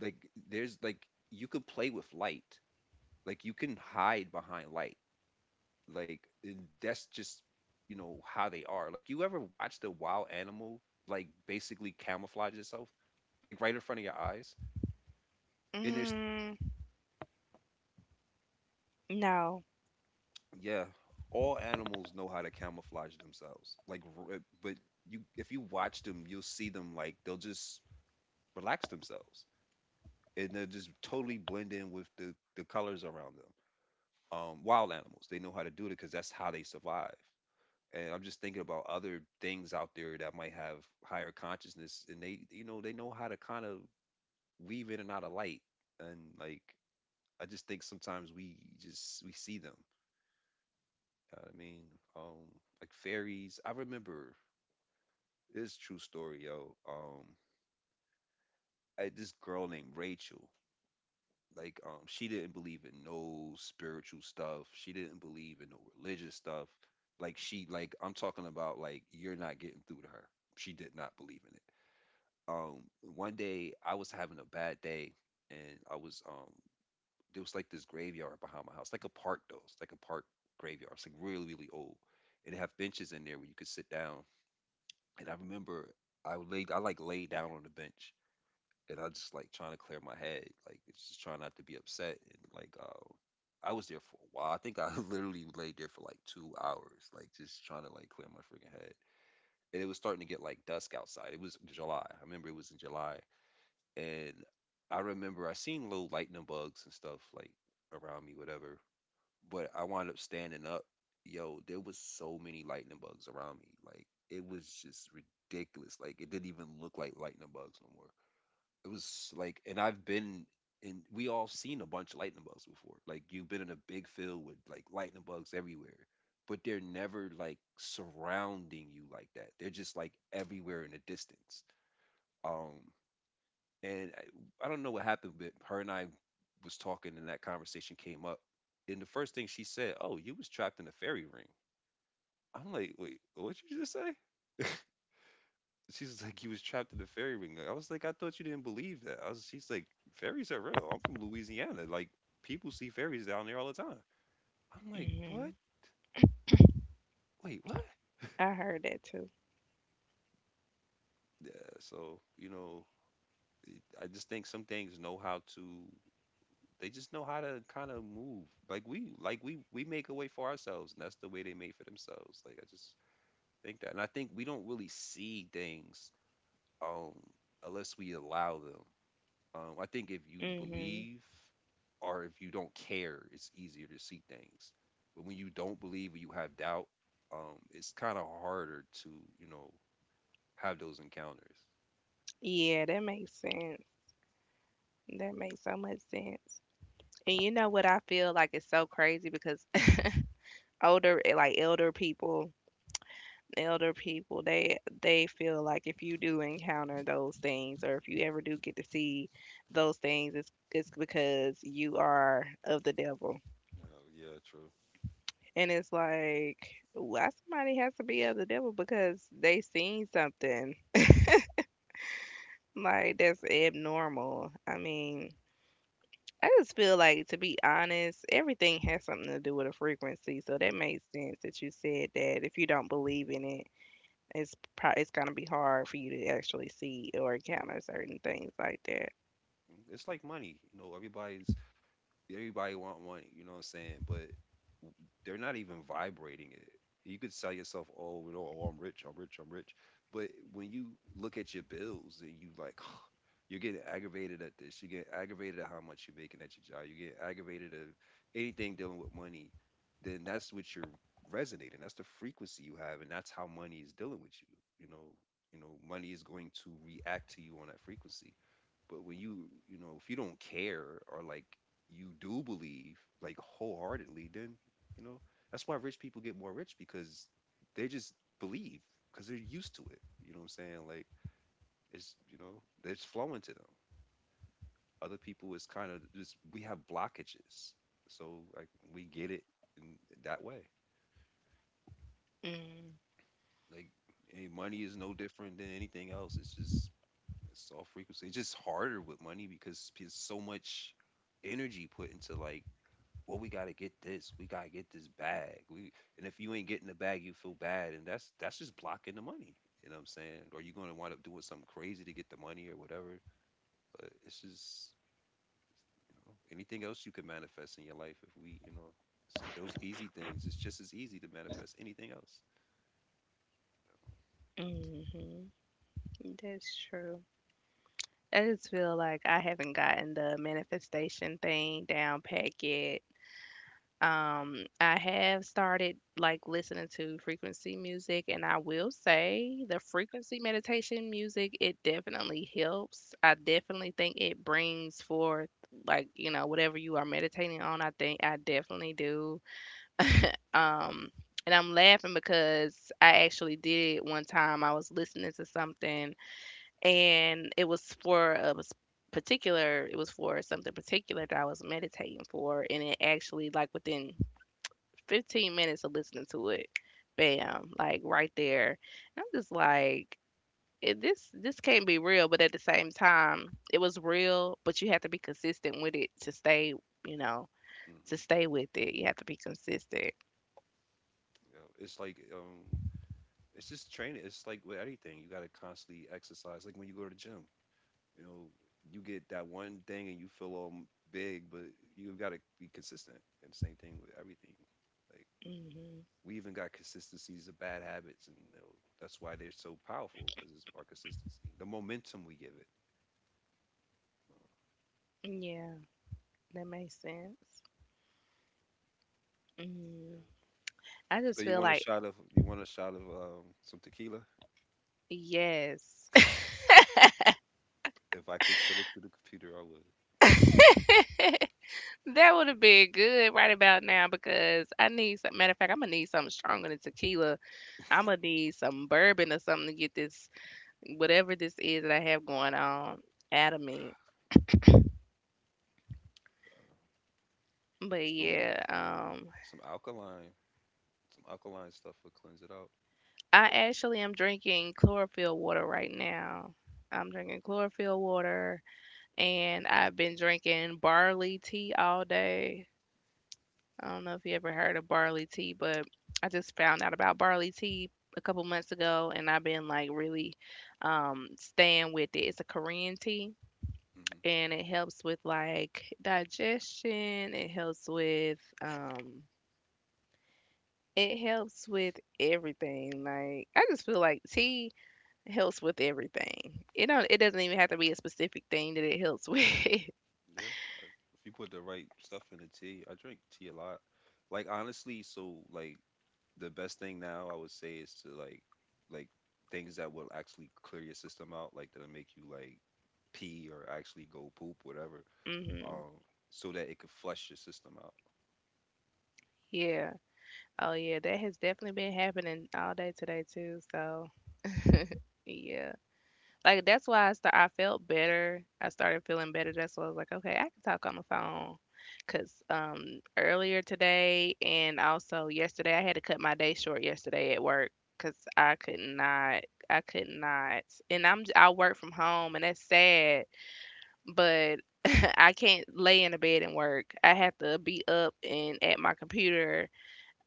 S1: like there's, like, you could play with light. Like, you can hide behind light. Like, and that's just, you know how they are. Like, you ever watched a wild animal like basically camouflage itself, like right in front of your eyes? And there's,
S2: Mm. No.
S1: yeah, all animals know how to camouflage themselves. Like, but you, if you watch them, you'll see them, like they'll just relax themselves, and they'll just totally blend in with the colors around them. Wild animals, they know how to do it because that's how they survive. And I'm just thinking about other things out there that might have higher consciousness, and they, you know, they know how to kind of weave in and out of light, and, like, I just think sometimes we see them. You know what I mean? um, like fairies. I remember this true story, yo. I had this girl named Rachel. Like, she didn't believe in no spiritual stuff. She didn't believe in no religious stuff. Like, she, like, I'm talking about, like, you're not getting through to her. She did not believe in it. um One day I was having a bad day, and I was, there was like this graveyard behind my house, like a park though. It's like a park graveyard. It's like really, really old. And it have benches in there where you could sit down. And I remember I laid, I like lay down on the bench, and I just like trying to clear my head. Like, it's just trying not to be upset and like, I was there for a while. I think I *laughs* literally laid there for like 2 hours, like just trying to like clear my freaking head. And it was starting to get like dusk outside. It was July. I remember it was in July, and I remember I seen little lightning bugs and stuff like around me, whatever. But I wound up standing up. Yo, there was so many lightning bugs around me. Like, it was just ridiculous. Like, it didn't even look like lightning bugs no more. It was like, and I've been and we all seen a bunch of lightning bugs before. Like, you've been in a big field with like lightning bugs everywhere, but they're never like surrounding you like that. They're just like everywhere in the distance. Um, and I don't know what happened, but her and I was talking, and that conversation came up. And the first thing she said, "Oh, you was trapped in a fairy ring." I'm like, "Wait, what you just say?" *laughs* She's like, "You was trapped in a fairy ring." I was like, "I thought you didn't believe that." I was, she's like, "Fairies are real. I'm from Louisiana. Like, people see fairies down there all the time." I'm like, "What?
S2: Mm-hmm.
S1: Wait, what?"
S2: I heard that too.
S1: Yeah. So, you know, I just think some things know how to, they just know how to kind of move. Like, we make a way for ourselves, and that's the way they made for themselves. Like, I just think that. And I think we don't really see things um unless we allow them. I think if you
S2: Mm-hmm.
S1: believe or if you don't care, it's easier to see things. But when you don't believe or you have doubt, it's kind of harder to, you know, have those encounters.
S2: Yeah, that makes sense. That makes so much sense. And you know what? I feel like it's so crazy because *laughs* like elder people, they feel like if you do encounter those things or if you ever do get to see those things, it's because you are of the devil.
S1: Oh, yeah, true.
S2: And it's like why somebody has to be of the devil because they seen something like that's abnormal. I mean, I just feel like, to be honest, everything has something to do with a frequency. So that makes sense that you said that if you don't believe in it, it's gonna be hard for you to actually see or encounter certain things like that.
S1: It's like money, you know. Everybody want one, you know what I'm saying? But they're not even vibrating it. You could sell yourself, oh, you know, oh, I'm rich, I'm rich, I'm rich. But when you look at your bills and you like, *sighs* you're getting aggravated at this. You get aggravated at how much you're making at your job. You get aggravated at anything dealing with money. Then that's what you're resonating. That's the frequency you have, and that's how money is dealing with you. You know, you know, money is going to react to you on that frequency. But when you know, if you don't care, or like, you do believe like wholeheartedly, then, you know, that's why rich people get more rich because they just believe because they're used to it. You know what I'm saying? Like, it's, you know, it's flowing to them. Other people, it's kind of just, we have blockages. So, like, we get it in that way. Like, any money is no different than anything else. It's just, it's all frequency. It's just harder with money because there's so much energy put into like, well, we gotta get this, we gotta get this bag. We, and if you ain't getting the bag, you feel bad, and that's just blocking the money. You know what I'm saying? Or you're gonna wind up doing something crazy to get the money or whatever. But it's just, you know, anything else you can manifest in your life if we, you know, those easy things. It's just as easy to manifest anything else.
S2: Mm-hmm. That's true. I just feel like I haven't gotten the manifestation thing down pat yet. I have started like listening to frequency music, and I will say the frequency meditation music, it definitely helps. I definitely think it brings forth like, you know, whatever you are meditating on, I think I definitely do. Um, and I'm laughing because I actually did it one time. I was listening to something, and it was for it was for something particular that I was meditating for, and it actually like within 15 minutes of listening to it. Bam, like right there. And I'm just like, this this can't be real, but at the same time, it was real, but you have to be consistent with it to stay, you know, to
S1: Hmm.
S2: stay with it. You have to be consistent.
S1: You know, it's like, it's just training. It's like with anything, you gotta constantly exercise. Like, when you go to the gym, you know, you get that one thing and you feel all big, but you've got to be consistent. And same thing with everything. Like,
S2: Hmm.
S1: we even got consistencies of bad habits, and, you know, that's why they're so powerful because it's our consistency, the momentum we give it.
S2: Yeah, that makes sense.
S1: Yeah.
S2: Mm. I
S1: So,
S2: just
S1: you
S2: feel
S1: want a
S2: like,
S1: shot of, some tequila?
S2: yes,
S1: If I could put it through the computer, I would.
S2: *laughs* that would have been good right about now because I need some. Matter of fact, I'm gonna need something stronger than tequila. I'ma need some bourbon or something to get this whatever this is that I have going on out of me.
S1: Uh,
S2: But
S1: some
S2: yeah,
S1: some alkaline, some alkaline stuff would cleanse it out.
S2: I actually am drinking chlorophyll water right now. I'm drinking chlorophyll water, and I've been drinking barley tea all day. I don't know if you ever heard of barley tea, but I just found out about barley tea a couple months ago, and I've been like really staying with it. It's a Korean tea,
S1: Hmm.
S2: and it helps with like digestion. It helps with everything. Like I just feel like tea helps with everything. It don't it doesn't even have to be a specific thing that it helps with. *laughs*
S1: Yeah. If you put the right stuff in the tea, I drink tea a lot. Like, honestly, so, like, the best thing now I would say is to, like things that will actually clear your system out, like that'll make you, like, pee or actually go poop, whatever.
S2: Hmm.
S1: Um, so that it could flush your system out.
S2: Yeah. Oh yeah, that has definitely been happening all day today too. So yeah. Like that's why I felt better. I started feeling better. That's why I was like, okay, I can talk on the phone. Cause earlier today and also yesterday I had to cut my day short yesterday at work because I could not, and I work from home, and that's sad, but *laughs* *clears throat* I can't lay in the bed and work. I have to be up and at my computer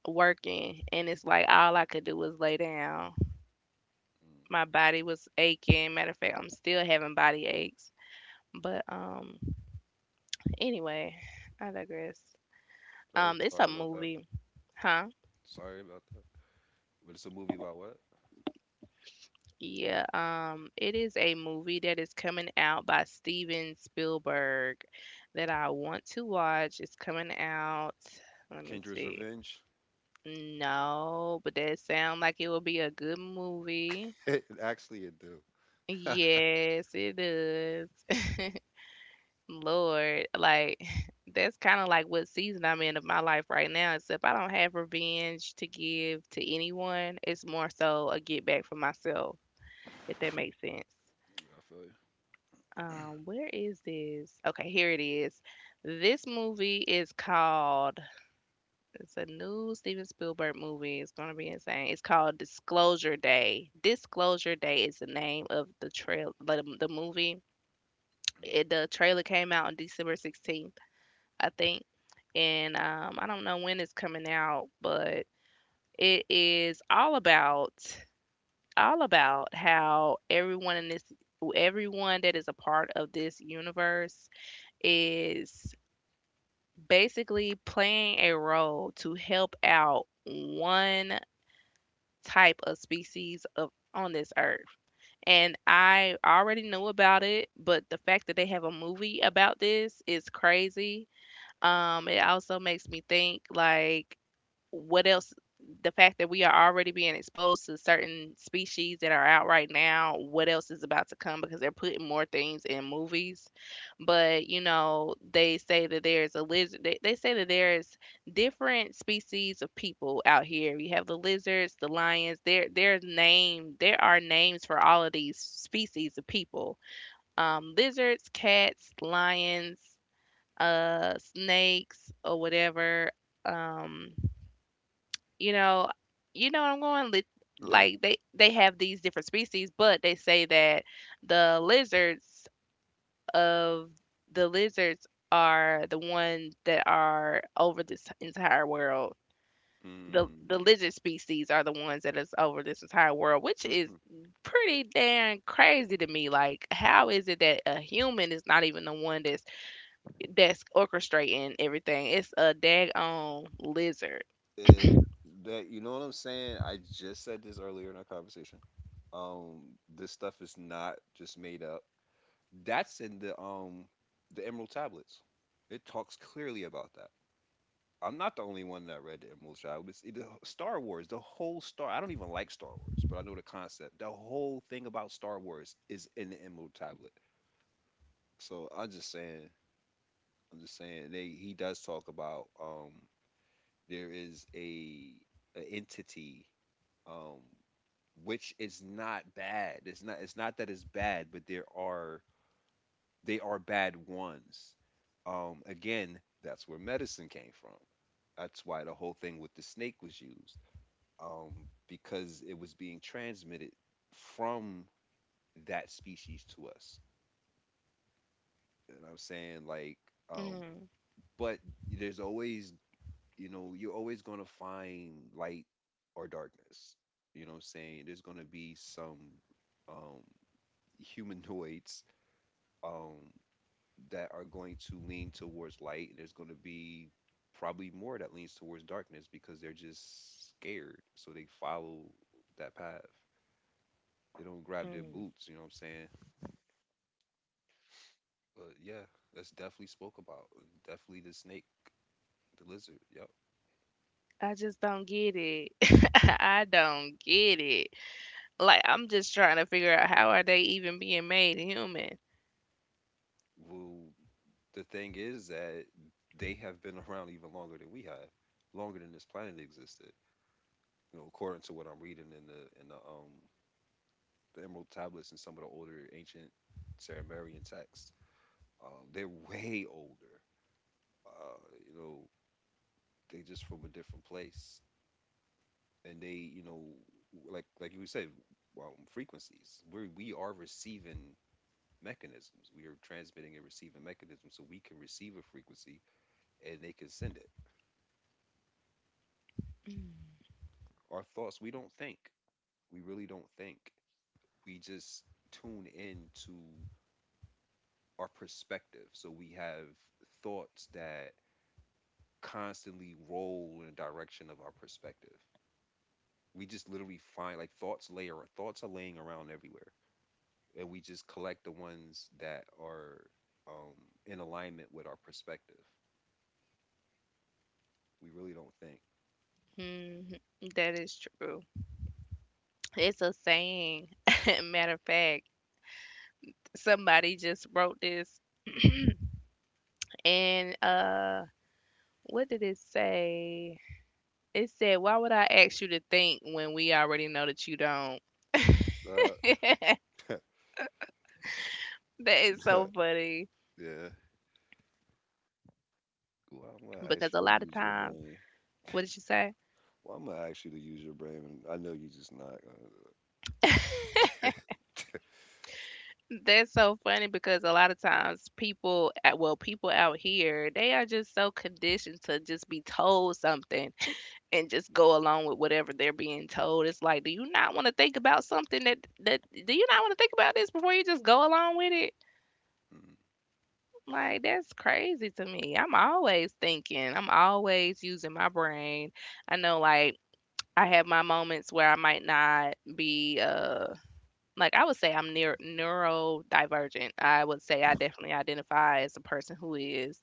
S2: working, and it's like all I could do was lay down.
S1: Mm.
S2: My body was aching. Matter of fact, I'm still having body aches, but anyway, I digress.
S1: So, yeah,
S2: It's a
S1: sorry about that.
S2: movie, huh?
S1: Sorry about that. But it's a movie about what?
S2: Yeah, it is a movie that is coming out by Steven Spielberg that I want to watch. It's coming out. Let me
S1: Kendra's
S2: see.
S1: Revenge. *laughs*
S2: No, but that sounds like it will be a good movie.
S1: It actually it do.
S2: Yes, it does. Lord, like *laughs* that's kind of like what season I'm in of my life right now. Except I don't have revenge to give to anyone. It's more so a get back for myself, if that makes sense.
S1: I feel
S2: Where is this? Okay, here it is. This movie is called. It's a new Steven Spielberg movie. It's gonna be insane. It's called Disclosure Day. Disclosure Day is the name of the movie. The trailer came out on December 16th, I think. And I don't know when it's coming out, but it is all about how everyone in this everyone that is a part of this universe is basically playing a role to help out one type of species of on this earth. And I already knew about it, but the fact that they have a movie about this is crazy. It also makes me think like what else, the fact that we are already being exposed to certain species that are out right now, what else is about to come because they're putting more things in movies. But you know they say that there's a lizard, they say that there's different species of people out here. You have the lizards, the lions, there are names for all of these species of people. Um, lizards, cats, lions, uh, snakes or whatever. Um, you know, you know what I'm going
S1: you.
S2: like they have these different species, but they say that the lizards of the lizards are the ones that are over this entire world. The
S1: Mm.
S2: lizard species are the ones that is over this entire world, which
S1: Yeah.
S2: is
S1: Mm. *laughs*
S2: pretty damn crazy to me. Like, how is it that a human is not even the one that's orchestrating everything? It's a daggone lizard.
S1: It, that, you know what I'm saying? I just said this earlier in our conversation. This stuff is not just made up. That's in the, the Emerald Tablets. It talks clearly about that. I'm not the only one that read the Emerald Tablets. It, the Star Wars, the whole Star. I don't even like Star Wars, but I know the concept. The whole thing about Star Wars is in the Emerald Tablet. So, I'm just saying. I'm just saying. They, he does talk about, there is a entity um which is not bad. It's not, it's not that it's bad, but there are, they are bad ones. Again, that's where medicine came from. That's why the whole thing with the snake was used, um, because it was being transmitted from that species to us. You know what I'm saying? Like, um,
S2: Mm.
S1: but there's always, you know, you're always gonna find light or darkness. You know what I'm saying? There's gonna be some, um, *laughs* humanoids, um, that are going to lean towards light, and there's going to be probably more that leans towards darkness because they're just scared, so they follow that path. They don't grab their
S2: Mm.
S1: boots, you know what I'm saying? But yeah, that's definitely spoke about. Definitely the snake, the lizard. Yep.
S2: I just don't get it. *laughs* I don't get it. Like I'm just trying to figure out how are they even being made human.
S1: Well, the thing is that they have been *laughs* around even longer than we have, longer than this planet existed. According to what I'm reading in the the Emerald Tablets and some of the older ancient Sumerian texts. They're way older. Uh, you know, they just from a different place, and they, like you said, well, frequencies. We are receiving mechanisms. We are transmitting and receiving mechanisms, so we can receive a frequency and they can send it. Our thoughts. We don't think. We really don't think. We just tune in to our perspective. So we have thoughts that constantly roll in the direction of our perspective. We just literally find like thoughts layer. Or Thoughts are laying around everywhere, and we just collect the ones that are um, in alignment with our perspective. We really don't think.
S2: Mhm. That is true. It's a saying. *laughs* Matter of fact, somebody just wrote this, and uh, what did it say? It said, why would I ask you to think when we already know that you don't?
S1: Uh,
S2: That is so funny.
S1: *laughs* yeah. Ooh, I'm gonna ask
S2: Because a
S1: you to
S2: lot of
S1: use your
S2: times,
S1: brain.
S2: what did you say?
S1: Well, I'm gonna ask you to use your brain, and I know you're just not gonna do it.
S2: That's so funny because a lot of times people out here, they are just so conditioned to just be told something and just go along with whatever they're being told. It's like, do you not want to think about something that do you not want to think about this before you just go along with it?
S1: Mm.
S2: Like that's crazy to me. I'm always thinking. I'm always using my brain. I know like I have my moments where I might not be like, I would say I'm neurodivergent. I would say I definitely identify as a person who is.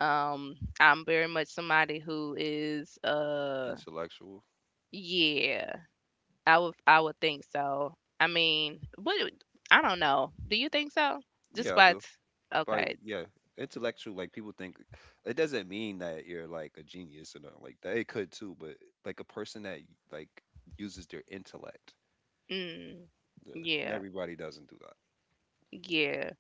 S2: Um, I'm very much somebody who is,
S1: Intellectual.
S2: yeah, I would think so. I mean, but I don't know. Do you think so? Just
S1: Yeah, I
S2: by
S1: do.
S2: t
S1: But
S2: Okay.
S1: yeah, intellectual. Like people think it doesn't mean that you're like a genius or nothing like that. It could too, but like a person that like uses their intellect.
S2: Mm,
S1: Yeah, and
S2: yeah,
S1: everybody doesn't do that.
S2: yeah.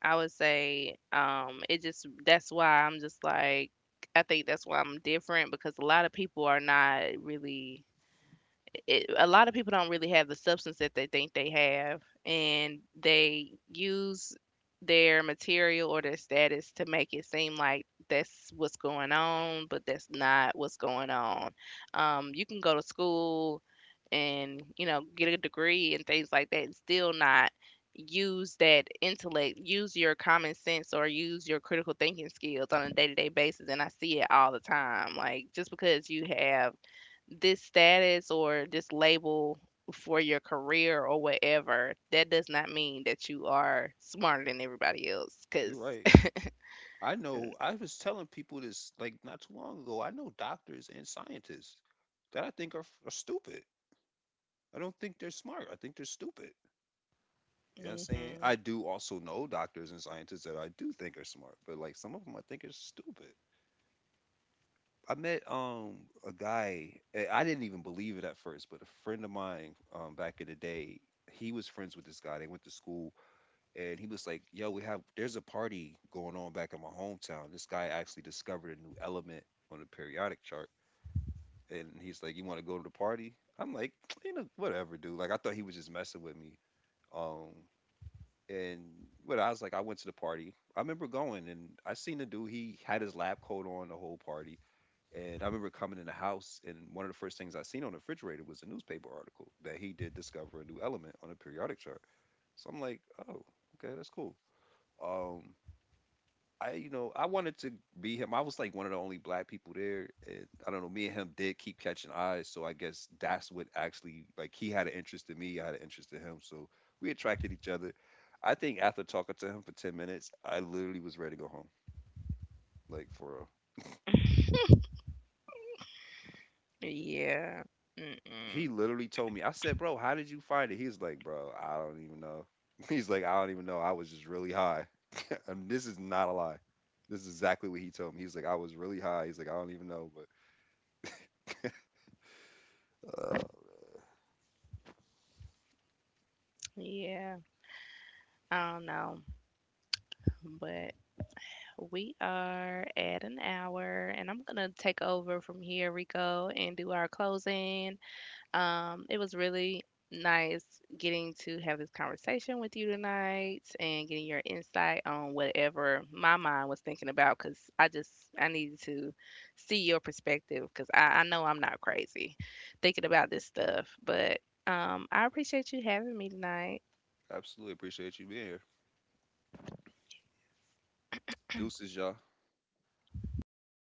S2: I would say, it just that's why I'm just like I think that's why I'm different because a lot of people are not really a lot of people don't really have the substance that they think they have, and they use their material or their status to make it seem like that's what's going on, but that's not what's going on. You can go to school, and you know get a degree and things like that, and still not use that intellect, use your common sense or use your critical thinking skills on a day to day basis. And I see it all the time. Like just because you have this status or this label for your career or whatever, that does not mean that you are smarter than everybody else.
S1: You're
S2: Cause,
S1: right.
S2: *laughs*
S1: I
S2: hmm,
S1: know. I was telling people this like not too long ago. I know doctors and scientists that I think are stupid. I don't think they're smart. I think they're stupid. You know what I'm saying? I do also know doctors and scientists that I do think are smart, but like some of them I think are stupid. I met a guy. I didn't even believe it at first, but a friend of mine back in the day, he was friends with this guy. They went to school and he was like, "Yo, we have there's a party going on back in my hometown. This guy actually discovered a new element on the periodic chart." And he's like, "You want to go to the party?" I'm like, *tsk* "You know, whatever, dude." Like I thought he was just messing with me. Um and what I was like, I went to the party. I remember going and I seen the dude. He had his lab coat on the whole party. And I remember coming in the house, and one of the first things I seen on the refrigerator was a newspaper article that he did discover a new element on a periodic chart. So I'm like, oh, okay, that's cool. Um, I I wanted to be him. I was like one of the only black people there, and I don't know. Me and him did keep catching eyes, so I guess that's what actually like he had an interest in me, I had an interest in him, so we attracted each other. I think after talking to him for 10 minutes, I literally was ready to go home. Like for real.
S2: yeah, mm-mm,
S1: He literally told me, I said, "Bro, how did you find it?" He's like, "Bro, I don't even know." *laughs* He's like, "I don't even know. I was just really high." *laughs* And this is not a lie. This is exactly what he told me. He's like, "I was really high." He's like, "I don't even know, but."
S2: yeah, I don't know, but we are at an hour, and I'm gonna take over from here, Rico, and do our closing. It was really nice getting to have this conversation with you tonight and getting your insight on whatever my mind was thinking about because I just I needed to see your perspective because I know I'm not crazy thinking about this stuff. But I appreciate you having me tonight.
S1: Absolutely appreciate you being here. Deuces, y'all.
S2: Bye.